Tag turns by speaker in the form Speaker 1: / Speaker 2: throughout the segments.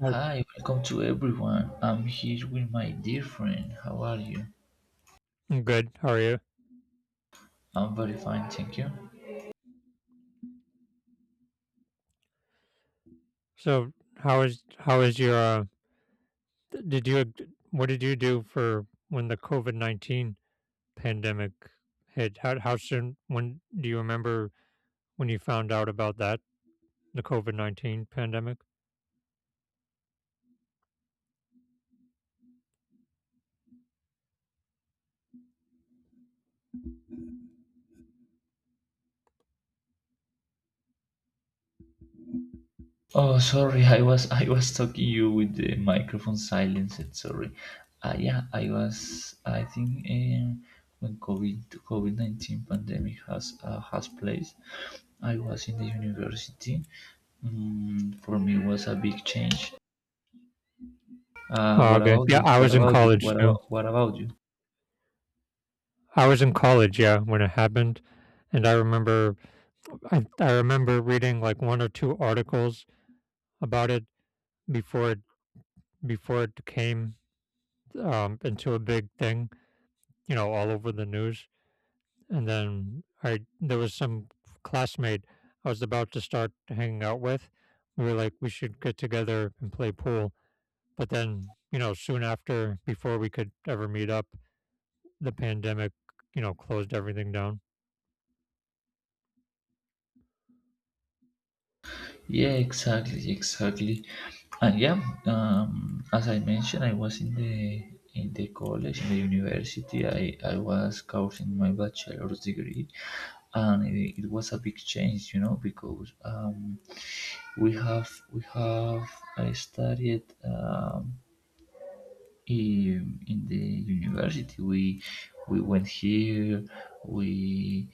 Speaker 1: Oh,
Speaker 2: Hi, welcome to everyone. I'm here with my dear friend. How are you?
Speaker 1: I'm good. How are you?
Speaker 2: I'm very fine, thank you.
Speaker 1: So, how is your? Did you? What did you do for when the COVID 19 pandemic hit? How soon? When do you remember when you found out about that? The COVID 19 pandemic.
Speaker 2: Oh, sorry, I was talking you with the microphone silenced. Sorry. Yeah, I was. I think when COVID 19 pandemic has placed, I was in the university. For me, it was a big change.
Speaker 1: Oh,
Speaker 2: What
Speaker 1: okay.
Speaker 2: about
Speaker 1: Yeah,
Speaker 2: you?
Speaker 1: I
Speaker 2: What
Speaker 1: was in
Speaker 2: about you?
Speaker 1: college too.
Speaker 2: What about you?
Speaker 1: I was in college. Yeah, when it happened, and I remember, I remember reading like one or two articles about it before it before it came into a big thing. You know, all over the news, and then I there was some classmate I was about to start hanging out with. We were like, we should get together and play pool. But then, soon after, before we could ever meet up, the pandemic, closed everything down.
Speaker 2: Yeah, exactly, exactly. And yeah, as I mentioned, I was in the college, in the university. I was cursing my bachelor's degree, and it was a big change, because we have I studied in the university. We went here. We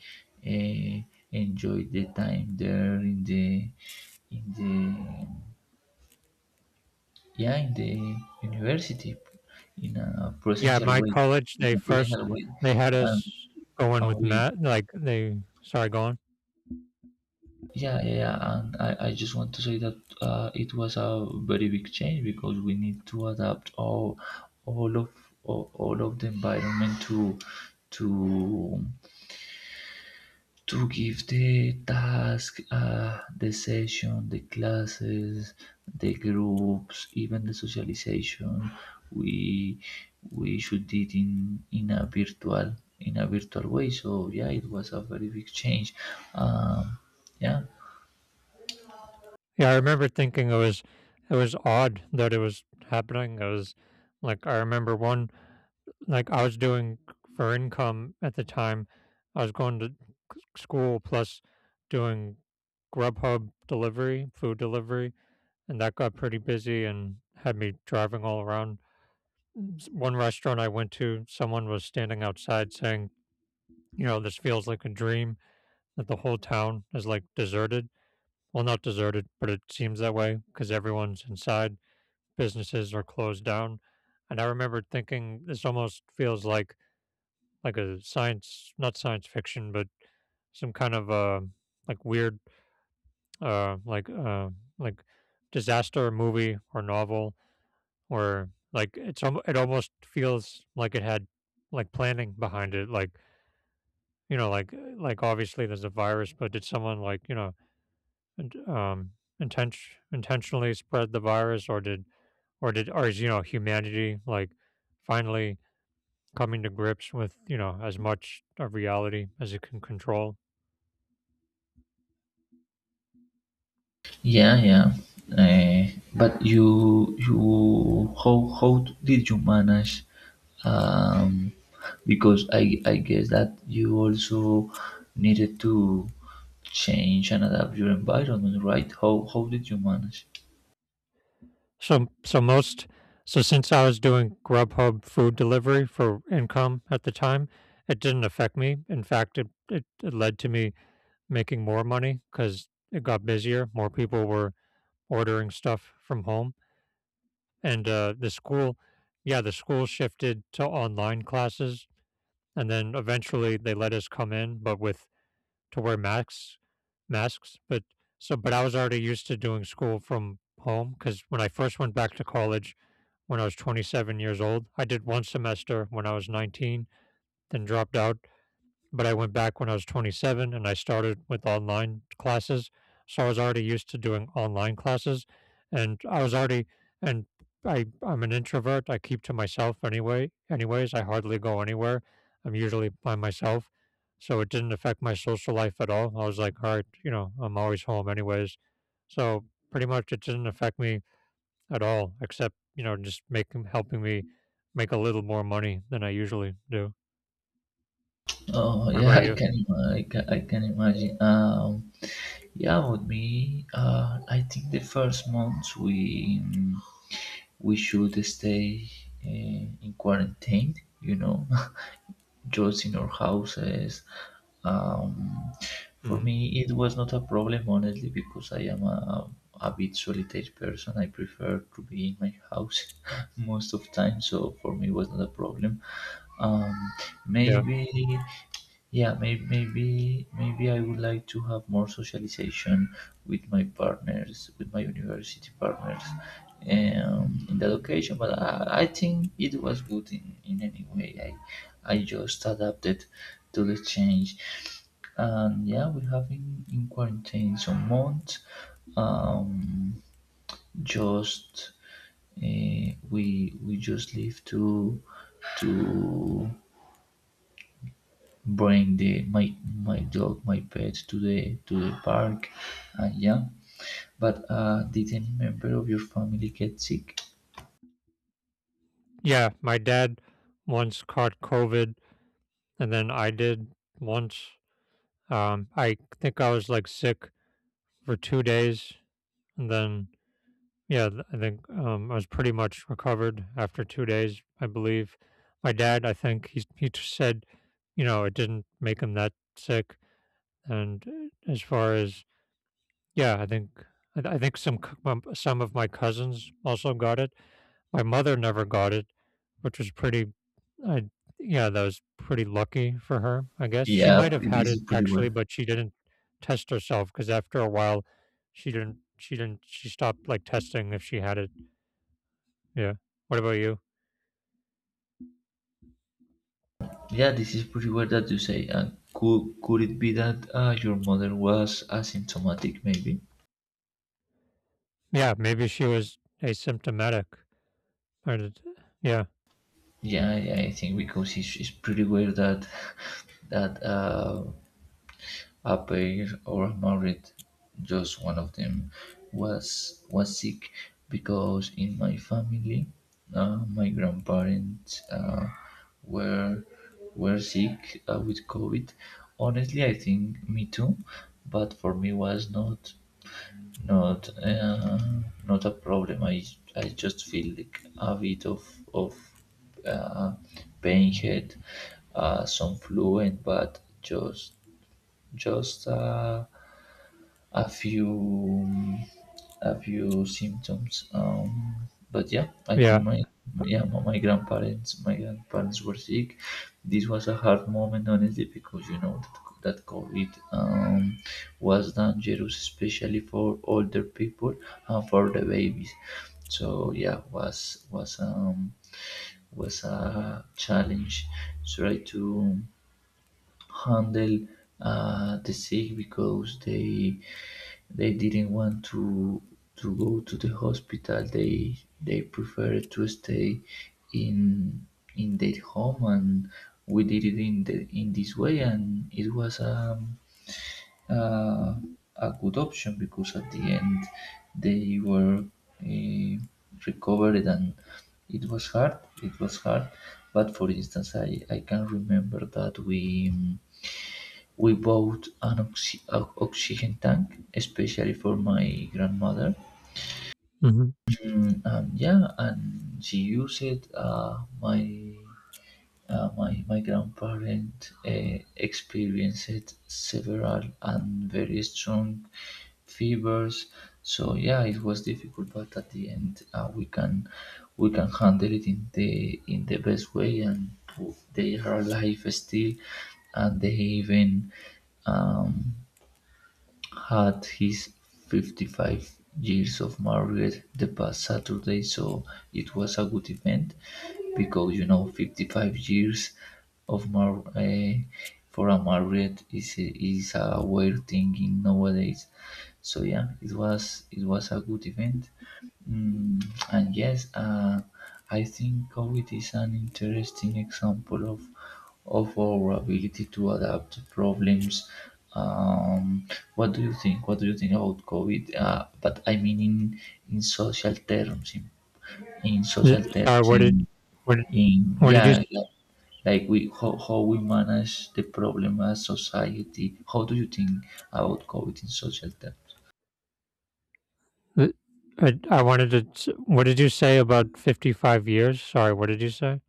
Speaker 2: uh, enjoyed the time there in the in the. Yeah in the university in a
Speaker 1: Yeah,
Speaker 2: presential
Speaker 1: my
Speaker 2: way
Speaker 1: college,
Speaker 2: in a presential way
Speaker 1: they had
Speaker 2: and,
Speaker 1: us going
Speaker 2: and
Speaker 1: with
Speaker 2: we
Speaker 1: Matt, like, they, sorry, go on.
Speaker 2: yeah, yeah, yeah, and I just want to say that it was a very big change because we need to adapt all of all of the environment to to give the task the session, the classes, the groups, even the socialization, we we should did in a virtual way. So yeah, it was a very big change. Um, yeah,
Speaker 1: Yeah, I remember thinking it was odd that it was happening. It was like, I remember one, like, I was doing for income at the time, I was going to c school plus doing Grubhub delivery, food delivery, and that got pretty busy and had me driving all around. One restaurant I went to, someone was standing outside saying, you know, this feels like a dream that the whole town is like deserted. Well, not deserted, but it seems that way because everyone's inside, businesses are closed down. And I remember thinking this almost feels like a science, not science fiction, but some kind of like weird uh like uh like disaster movie or novel. Or like it almost feels like it had, like, planning behind it, like, you know, like, obviously, there's a virus, but did someone, like, you know, int um, intent intentionally spread the virus, or did or is, you know, humanity, like, finally coming to grips with, you know, as much of reality as it can control?
Speaker 2: Yeah, yeah. But how did you manage? Um, because I guess that you also needed to change and adapt your environment, right? How did you manage?
Speaker 1: So so most so since I was doing Grubhub food delivery for income at the time, it didn't affect me. In fact, it led to me making more money because it got busier. More people were ordering stuff from home. And the school shifted to online classes. And then eventually they let us come in, but with to wear masks. Masks. But but I was already used to doing school from home, because when I first went back to college, when I was 27 years old — I did one semester when I was 19, then dropped out — but I went back when I was 27 and I started with online classes. So I was already used to doing online classes, and I was already and I'm an introvert. I keep to myself anyway. Anyways, I hardly go anywhere. I'm usually by myself. So it didn't affect my social life at all. I was like, all right, you know, I'm always home anyways. So pretty much it didn't affect me at all, except, you know, just making helping me make a little more money than I usually do.
Speaker 2: Oh,
Speaker 1: What
Speaker 2: yeah,
Speaker 1: about
Speaker 2: I
Speaker 1: you?
Speaker 2: can, I can imagine. Yeah, with me, I think the first months we should stay in quarantine, you know. Jobs in our houses. Um, for
Speaker 1: Mhm.
Speaker 2: me, it was not a problem, honestly, because I am a bit solitary person. I prefer to be in my house most of time, so for me, it was not a problem. Um,
Speaker 1: Yeah.
Speaker 2: maybe yeah maybe maybe maybe I would like to have more socialization with my university partners in that occasion, but I think it was good in any way. I just adapted to the change, and yeah, we have been in quarantine some months. Um, just We just live to bring the my my dog, my pet to the park, and yeah. But did any member of your family get sick?
Speaker 1: Yeah, my dad once caught COVID, and then I did once. I think I was, like, sick for 2 days, and then, yeah, I think I was pretty much recovered after 2 days, I believe. My dad, I think said, you know, it didn't make him that sick. And as far as, yeah, I think I, th- I think some c- some of my cousins also got it. My mother never got it, which was pretty. I Yeah, that was pretty lucky for her, I guess. She
Speaker 2: Yeah,
Speaker 1: might have had
Speaker 2: this
Speaker 1: it,
Speaker 2: is pretty
Speaker 1: actually,
Speaker 2: weird.
Speaker 1: but she didn't test herself because, after a while, she stopped, like, testing if she had it. Yeah. What about you?
Speaker 2: Yeah, this is pretty weird that you say. And could it be that your mother was asymptomatic? Maybe.
Speaker 1: Yeah, maybe she was asymptomatic. Or did, yeah,
Speaker 2: Yeah, I think because it's pretty weird that that a pair or married, just one of them was sick because in my family my grandparents were were sick with COVID. Honestly, I think me too, but for me was not uh, not a problem. I just feel like a bit of uh, pain head, some fluent, but just a few a few symptoms. But yeah, I think
Speaker 1: yeah.
Speaker 2: my yeah my, my grandparents were sick. This was a hard moment, honestly, because you know that COVID was dangerous, especially for older people and for the babies. So yeah, was a challenge. Try to handle the sick because they didn't want to go to the hospital. They preferred to stay in in their home, and we did it in this way, and it was uh, a good option because at the end they were uh, recovered, and it was hard. It was hard. But for instance, I can remember that we bought an oxygen tank, especially for my grandmother.
Speaker 1: Hmm.
Speaker 2: Mm, and yeah, and she used it. My grandparent experienced several and very strong fevers. So yeah, it was difficult, but at the end, we can handle it in the best way, and they are alive still, and they even um, had his 55 years of marriage the past Saturday, so it was a good event because 55 years of for a married is a weird thing in nowadays. So yeah, it was a good event. Mm, and yes, I think COVID is an interesting example of our ability to adapt to problems. Um, what do you think? What do you think about COVID? But I mean in social terms, in social
Speaker 1: Sorry,
Speaker 2: terms,
Speaker 1: what did-
Speaker 2: in
Speaker 1: what did you?
Speaker 2: yeah, like how we manage the problem as society. How do you think about COVID in social terms?
Speaker 1: Th- I wanted to. What did you say about 55 years? Sorry, what did you say?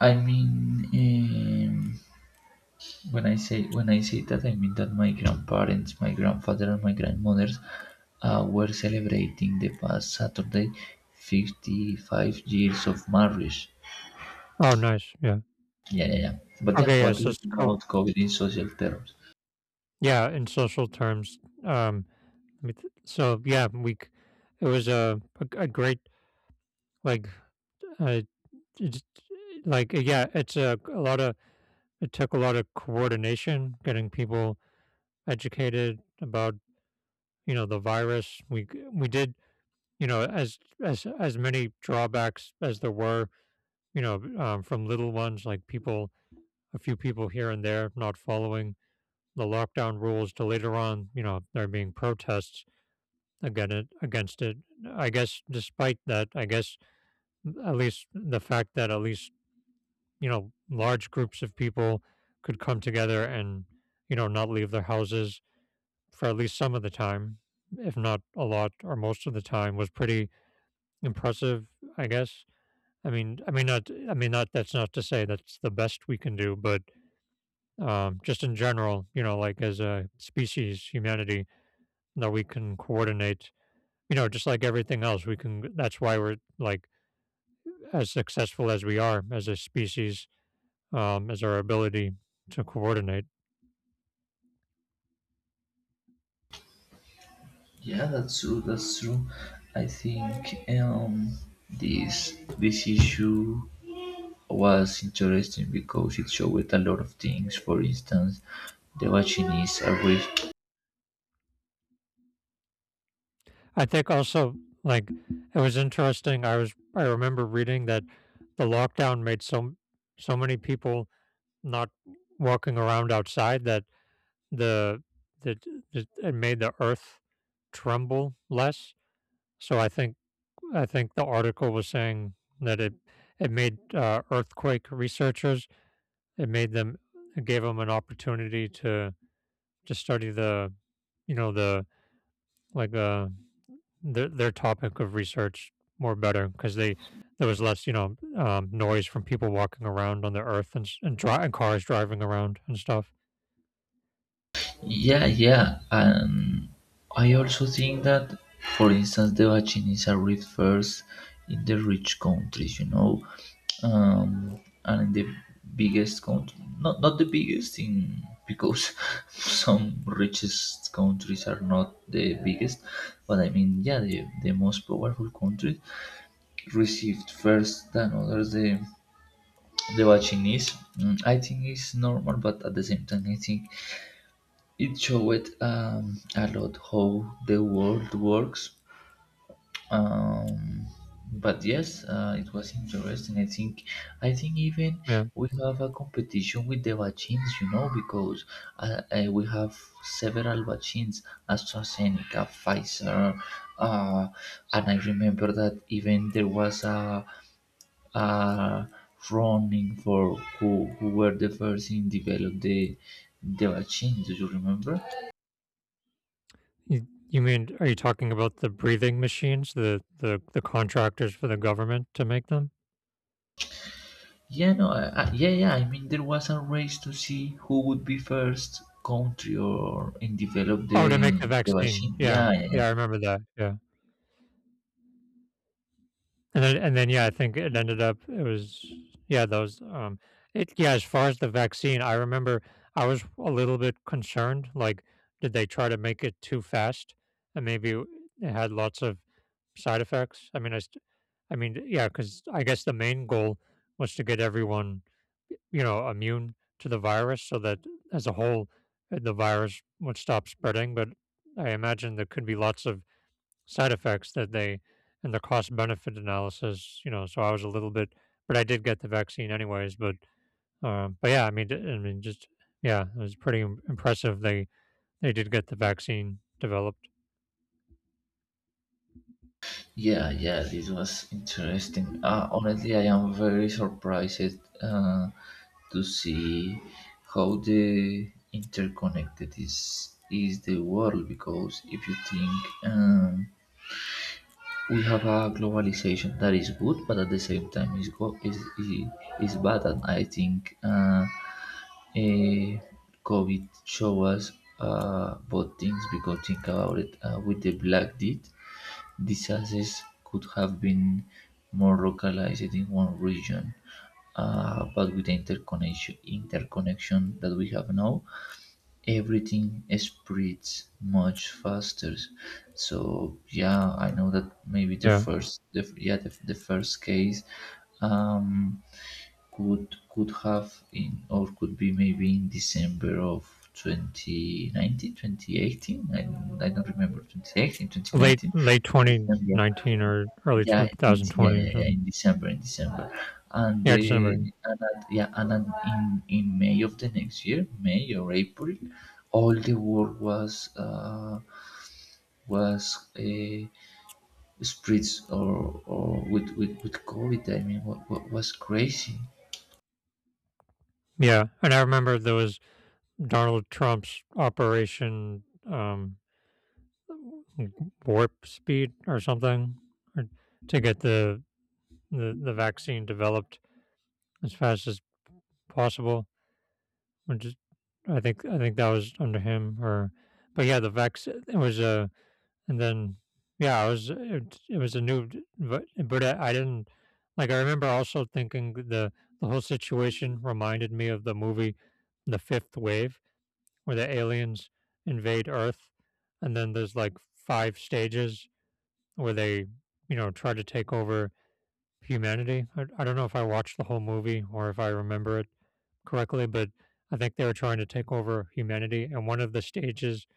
Speaker 2: I mean. Um, when I say that, I mean that my grandparents, my grandfather, and my grandmothers were celebrating the past Saturday, 55 years of marriage.
Speaker 1: Oh, nice. Yeah.
Speaker 2: Yeah, yeah, yeah. But yeah,
Speaker 1: Okay. Yeah.
Speaker 2: what do you
Speaker 1: So,
Speaker 2: think
Speaker 1: scope.
Speaker 2: about COVID in social terms?
Speaker 1: Yeah. In social terms. Um. So yeah, it was a great, like. Uh, It's like, yeah, it's a lot of, it took a lot of coordination, getting people educated about, you know, the virus. We did, you know, as many drawbacks as there were, you know, from little ones, like people, a few people here and there not following the lockdown rules, to later on, you know, there being protests against it. I guess, despite that, I guess at least the fact that, at least, large groups of people could come together and, not leave their houses for at least some of the time, if not a lot or most of the time, was pretty impressive, I guess. I mean, I mean, not, that's not to say that's the best we can do, but just in general, you know, like as a species, humanity, that we can coordinate, you know, just like everything else, we can, that's why we're like as successful as we are as a species, as our ability to coordinate.
Speaker 2: Yeah, that's true. That's true. I think this issue was interesting because it showed a lot of things. For instance, the vaccines
Speaker 1: I think also, like, it was interesting. I remember reading that the lockdown made so many people not walking around outside that the that it made the earth tremble less. So I think the article was saying that it made earthquake researchers, it made them it gave them an opportunity to study you know the like uh their topic of research more better, because they there was less, you know, noise from people walking around on the earth, and cars driving around and stuff.
Speaker 2: yeah, yeah. And I also think that, for instance, the vaccine is arrived first in the rich countries, and in the biggest country, not the biggest in because some richest countries are not the biggest, but I mean, yeah, the most powerful countries received first than others the vaccine is. I think it's normal, but at the same time, I think it showed a lot how the world works. Um, but yes uh, it was interesting. I think even
Speaker 1: Yeah.
Speaker 2: we have a competition with the vaccines, because we have several vaccines, AstraZeneca, Pfizer, uh, and I remember that even there was a running for who were the first in develop the vaccine. Do you remember?
Speaker 1: You mean, are you talking about the breathing machines, the contractors for the government to make them?
Speaker 2: Yeah, no, yeah, yeah. I mean, there was a race to see who would be first country or and develop
Speaker 1: Oh, to make
Speaker 2: the
Speaker 1: the
Speaker 2: the
Speaker 1: vaccine.
Speaker 2: vaccine.
Speaker 1: Yeah,
Speaker 2: Yeah, yeah, yeah,
Speaker 1: yeah, I remember that. Yeah. And then, yeah, I think it ended up it was yeah those it yeah as far as the vaccine, I remember I was a little bit concerned, like, did they try to make it too fast and maybe it had lots of side effects? I mean, yeah, because I guess the main goal was to get everyone, you know, immune to the virus, so that, as a whole, the virus would stop spreading. But I imagine there could be lots of side effects, that they and the cost benefit analysis, you know, so I was a little bit, but I did get the vaccine anyways, but yeah, I mean, just, yeah, it was pretty impressive, they did get the vaccine developed.
Speaker 2: yeah, yeah. This was interesting. Honestly, I am very surprised to see how the interconnected is the world because if you think. Um, we have a globalization that is good, but at the same time is go- is bad, and I think eh, covid show us both things because think about it with the black death disasters could have been more localized in one region, but with the interconnection that we have now, everything spreads much faster. So yeah, I know that maybe the
Speaker 1: Yeah.
Speaker 2: first yeah, the first case um could have in or could be maybe in December of 2019 2018, I don't remember, 2018
Speaker 1: Late
Speaker 2: 2019
Speaker 1: late
Speaker 2: December.
Speaker 1: 2019 or early
Speaker 2: Yeah, yeah,
Speaker 1: 2020 or
Speaker 2: yeah, yeah.
Speaker 1: something.
Speaker 2: In December, and
Speaker 1: Yeah,
Speaker 2: the
Speaker 1: December. Yeah.
Speaker 2: and at, yeah, and at, in May of the next year, May or April, all the world was spread, or with COVID. I mean, what was crazy?
Speaker 1: Yeah, and I remember there was Donald Trump's Operation Warp Speed or something, or to get the vaccine developed as fast as possible. Which is, I think that was under him, or, but yeah, the vaccine, it was a and then yeah it was it was a new, but I didn't, like, I remember also thinking the whole situation reminded me of the movie The Fifth Wave, where the aliens invade Earth, and then there's, like, five stages where they, you know, try to take over humanity. I don't know if I watched the whole movie or if I remember it correctly, but I think they were trying to take over humanity. And one of the stages,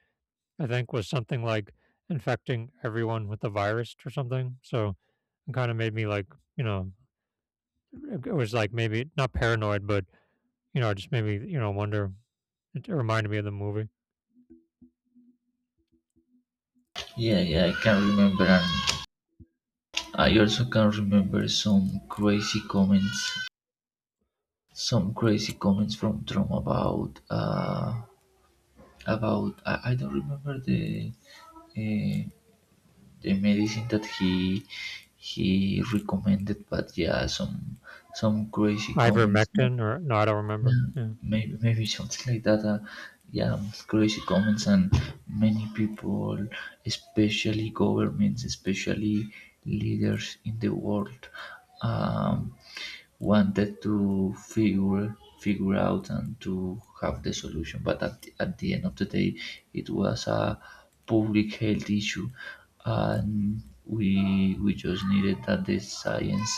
Speaker 1: I think, was something like infecting everyone with the virus or something. So it kind of made me, like, you know, it was like maybe not paranoid, but, you know, it just made me, you know, wonder. It reminded me of the movie.
Speaker 2: Yeah, yeah, I can remember, and I also can remember some crazy comments, from Trump about. About I don't remember uh, the medicine that he recommended, but yeah, some crazy comments.
Speaker 1: Ivermectin or no, I don't remember.
Speaker 2: Yeah,
Speaker 1: Yeah.
Speaker 2: maybe something like that. Yeah, crazy comments, and many people, especially governments, especially leaders in the world, um, wanted to figure out and to have the solution. But at the end of the day, it was a public health issue, and we just needed that the science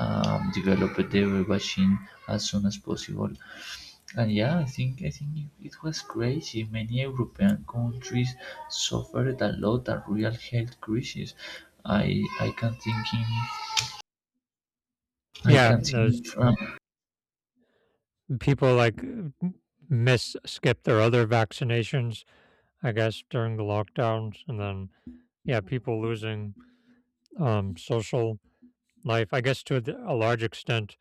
Speaker 2: developed the vaccine as soon as possible. And yeah, I think it was crazy. Many European countries suffered a lot a real health crisis. I can think in
Speaker 1: Yeah, those
Speaker 2: France.
Speaker 1: people, like, miss skip their other vaccinations, I guess, during the lockdowns, and then, yeah, people losing social life. I guess, to a large extent,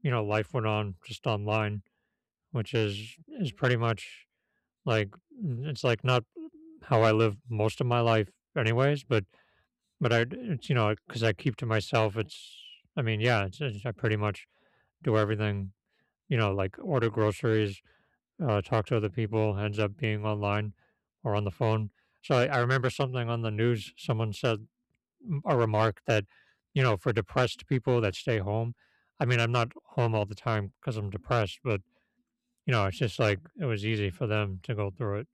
Speaker 1: you know, life went on just online, which is pretty much, like, it's, like, not how I live most of my life anyways. But I, it's, you know, because I keep to myself, it's, I mean, yeah, it's, I pretty much do everything, you know, like, order groceries, talk to other people, ends up being online or on the phone. So I remember something on the news, someone said, a remark that, you know, for depressed people that stay home — I mean, I'm not home all the time because I'm depressed — but, you know, it's just like it was easy for them to go through it.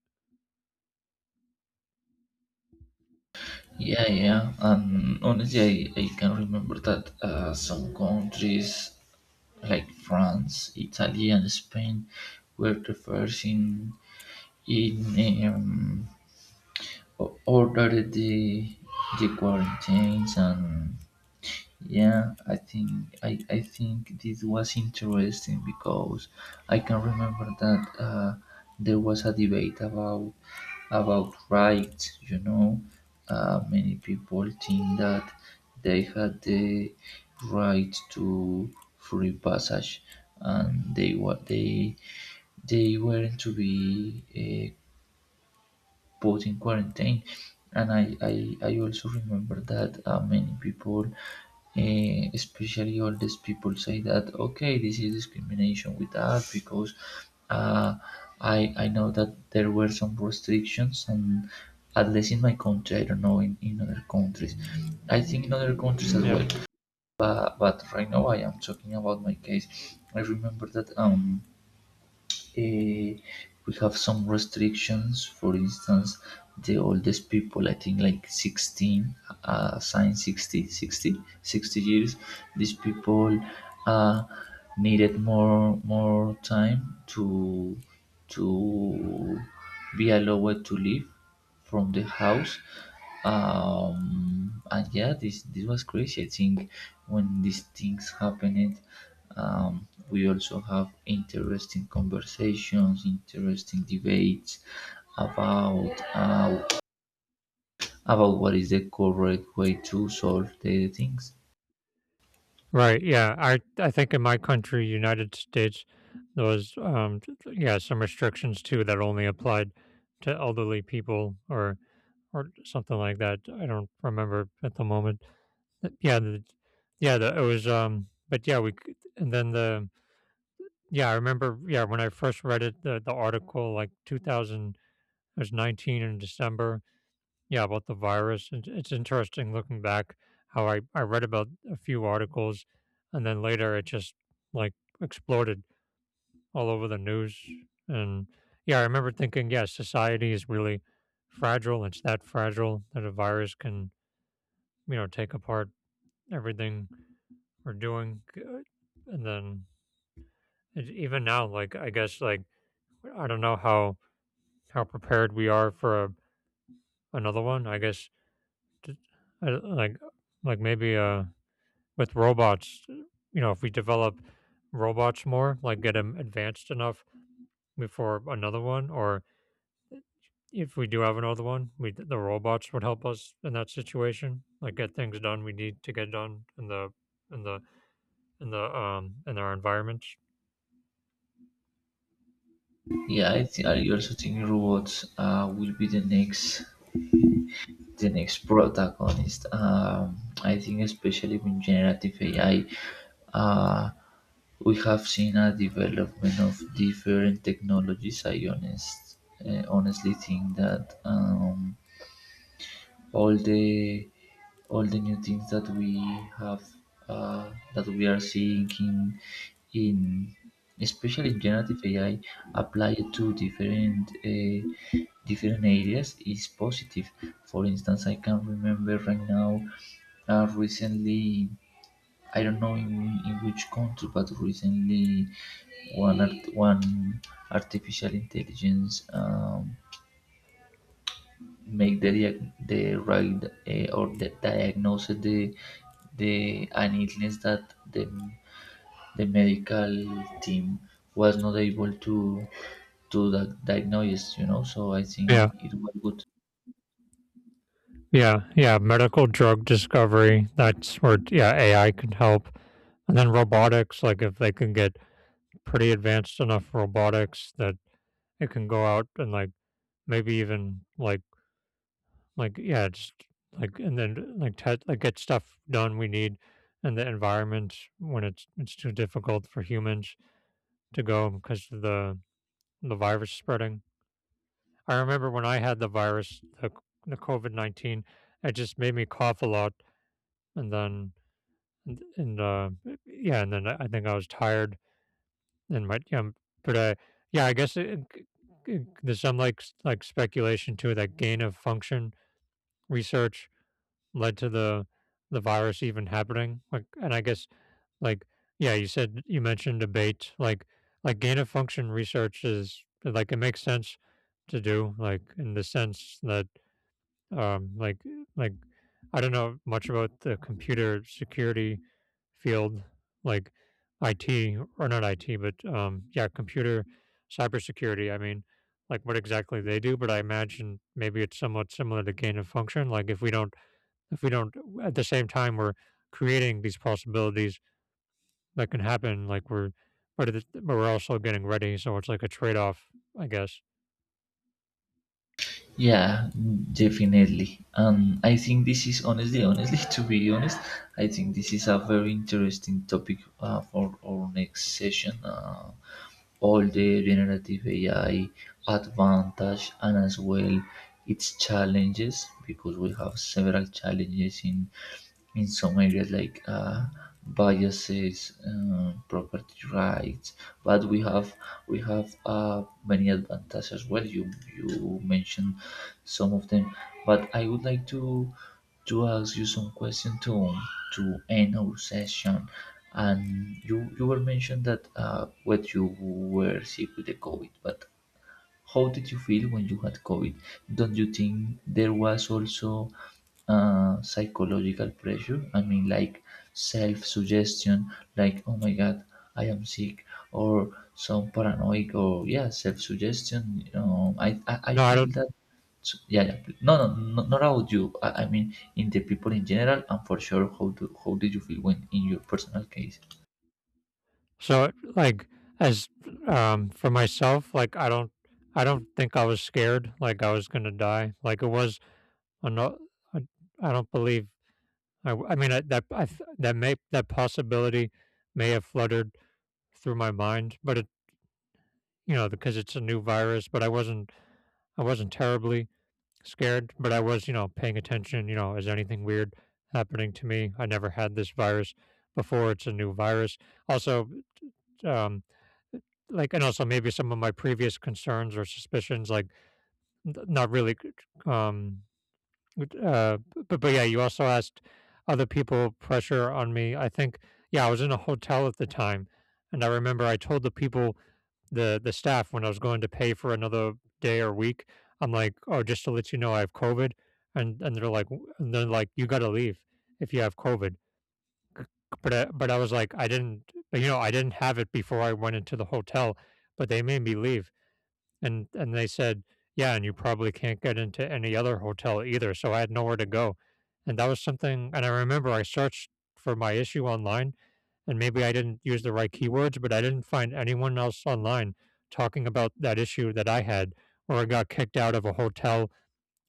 Speaker 2: Yeah, yeah. And honestly, I can remember that some countries like France, Italy, and Spain were the first in um, ordered the quarantines. And yeah, I think this was interesting because I can remember that there was a debate about rights. Many people think that they had the right to free passage, and they what they weren't to be put in quarantine. And I also remember that many people, especially oldest people, say that, okay, this is discrimination with us because uh, I know that there were some restrictions, and at least in my country, I don't know, in other countries. I think in other countries as
Speaker 1: Yeah.
Speaker 2: well. But right now, I am talking about my case. I remember that. Eh, we have some restrictions. For instance, the oldest people, I think like 16, sign sixty years, these people uh, needed more time to be allowed to live from the house. And yeah, this was crazy. I think when these things happened, we also have interesting conversations, interesting debates about uh, about what is the correct way to solve the things.
Speaker 1: Right, yeah, I think in my country, United States, there was, t t yeah, some restrictions too that only applied to elderly people or something like that, I don't remember at the moment. Uh, yeah, the yeah, the it was, but yeah, we c and then the yeah, I remember, yeah, when I first read it, the article, like, 2000 it was 19 in December yeah, about the virus. It's interesting looking back how I read about a few articles and then later it just like exploded all over the news. And yeah, I remember thinking, yeah, society is really fragile. It's that fragile that a virus can, take apart everything we're doing. And then it, even now, like, I guess, like, I don't know how prepared we are for a, another one. I guess, t- I, like maybe, With robots, you know, if we develop robots more, like get them advanced enough before another one, or if we do have another one, we the robots would help us in that situation, like get things done we need to get done in the in our environments.
Speaker 2: Yeah, I also think robots will be the next protagonist. I think especially with generative AI, uh, we have seen a development of different technologies. I honestly think that all the all the new things that we have that we are seeing in especially in generative AI applied to different areas is positive. For instance, I can remember right now recently, I don't know in which country, but recently one artificial intelligence make the the right or the diagnose the an illness that the medical team was not able to diagnose. So I think
Speaker 1: Yeah.
Speaker 2: it was good.
Speaker 1: Yeah, Medical drug discovery. That's where yeah, AI can help. And then robotics, like if they can get pretty advanced enough robotics that it can go out and like maybe even like yeah, just like and then like te- like get stuff done we need in the environment when it's too difficult for humans to go because of the virus spreading. I remember when I had the virus, the COVID 19, it just made me cough a lot, and then And and, uh, yeah, and then I think I was tired and my but I yeah, there's some like speculation too that gain of function research led to the virus even happening. Like, and I guess like yeah, you said you mentioned debate gain of function research is like it makes sense to do like in the sense that um, like like I don't know much about the computer security field, like IT or not IT, but yeah, computer cybersecurity. I mean, like what exactly they do, but I imagine maybe it's somewhat similar to gain of function. If we don't, at the same time we're creating these possibilities that can happen. But we're also getting ready, so it's like a trade off, I guess.
Speaker 2: Yeah, definitely. And I think this is honestly, to be honest, I think this is a very interesting topic for our next session. All the generative AI advantage and as well its challenges, because we have several challenges in some areas like biases, property rights, but we have many advantages as well. You mentioned some of them, but I would like to ask you some question to end our session. And you were mentioned that when you were sick with the COVID, but how did you feel when you had COVID? Don't you think there was also psychological pressure? I mean, like self suggestion, like, oh my god, I am sick, or some paranoid, or yeah, self suggestion. I
Speaker 1: No, I
Speaker 2: feel
Speaker 1: don't.
Speaker 2: that, yeah, yeah. No, no, no, not about you. I mean, in the people in general, and for sure, how did you feel when in your personal case?
Speaker 1: So, like, as For myself, like, I don't think I was scared, like I was gonna die. Like it was, I no, I, I don't believe. I mean, I, that I, th- that may that possibility may have fluttered through my mind, but it, you know, because it's a new virus. But I wasn't terribly scared, but I was, you know, paying attention. You know, is anything weird happening to me? I never had this virus before. It's a new virus. Also, um, like, and also maybe some of my previous concerns or suspicions, like n- not really, c- c- with, but yeah, you also asked other people pressure on me. I think, yeah, I was in a hotel at the time. And I remember I told the people, the staff, when I was going to pay for another day or week, I'm like, oh, just to let you know, I have COVID. And they're like, you got to leave if you have COVID. But I was like, I didn't, you know, I didn't have it before I went into the hotel, but they made me leave and they said, "Yeah, and you probably can't get into any other hotel either." So I had nowhere to go. And that was something and I remember I searched for my issue online, and maybe I didn't use the right keywords, but I didn't find anyone else online talking about that issue that I had, where I got kicked out of a hotel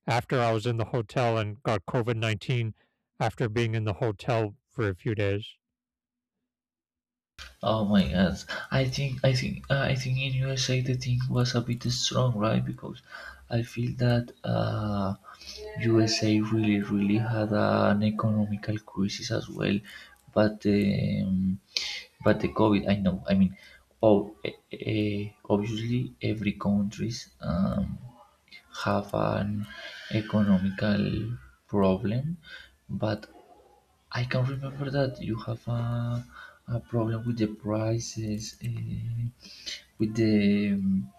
Speaker 1: after I was in the hotel and got COVID 19 after being in the hotel for a few days.
Speaker 2: Oh my god! I think in USA the thing was a bit strong, right? Because I feel that USA really really had an economical crisis as well, but um, but the COVID. I know. I mean, oh, obviously every countries have an economical problem, but I can remember that you have a problem with the prices, with the um,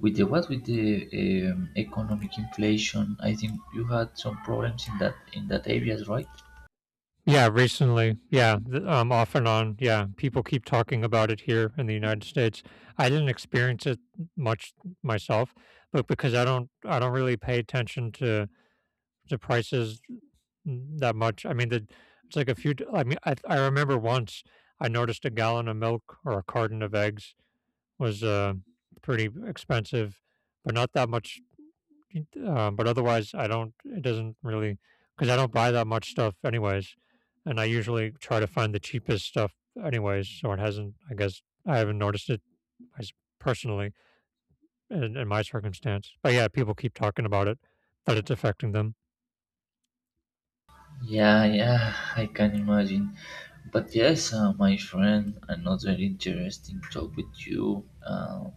Speaker 2: with the economic inflation. I think you had some problems in that areas, right?
Speaker 1: Yeah, recently. Off and on. Yeah, people keep talking about it here in the United States. I didn't experience it much myself, but because I don't really pay attention to prices that much. It's like a few. I mean, I remember once I noticed a gallon of milk or a carton of eggs was pretty expensive, but not that much d but otherwise, I don't it doesn't really, because I don't buy that much stuff anyways, and I usually try to find the cheapest stuff anyways, so it hasn't I guess I haven't noticed it as personally in my circumstance. But yeah, people keep talking about it, that it's affecting them.
Speaker 2: Yeah, yeah, I can imagine. But yes, my friend, another interesting talk with you.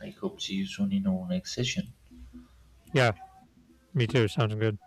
Speaker 2: I hope see you soon in our next session.
Speaker 1: Yeah, me too, sounds good.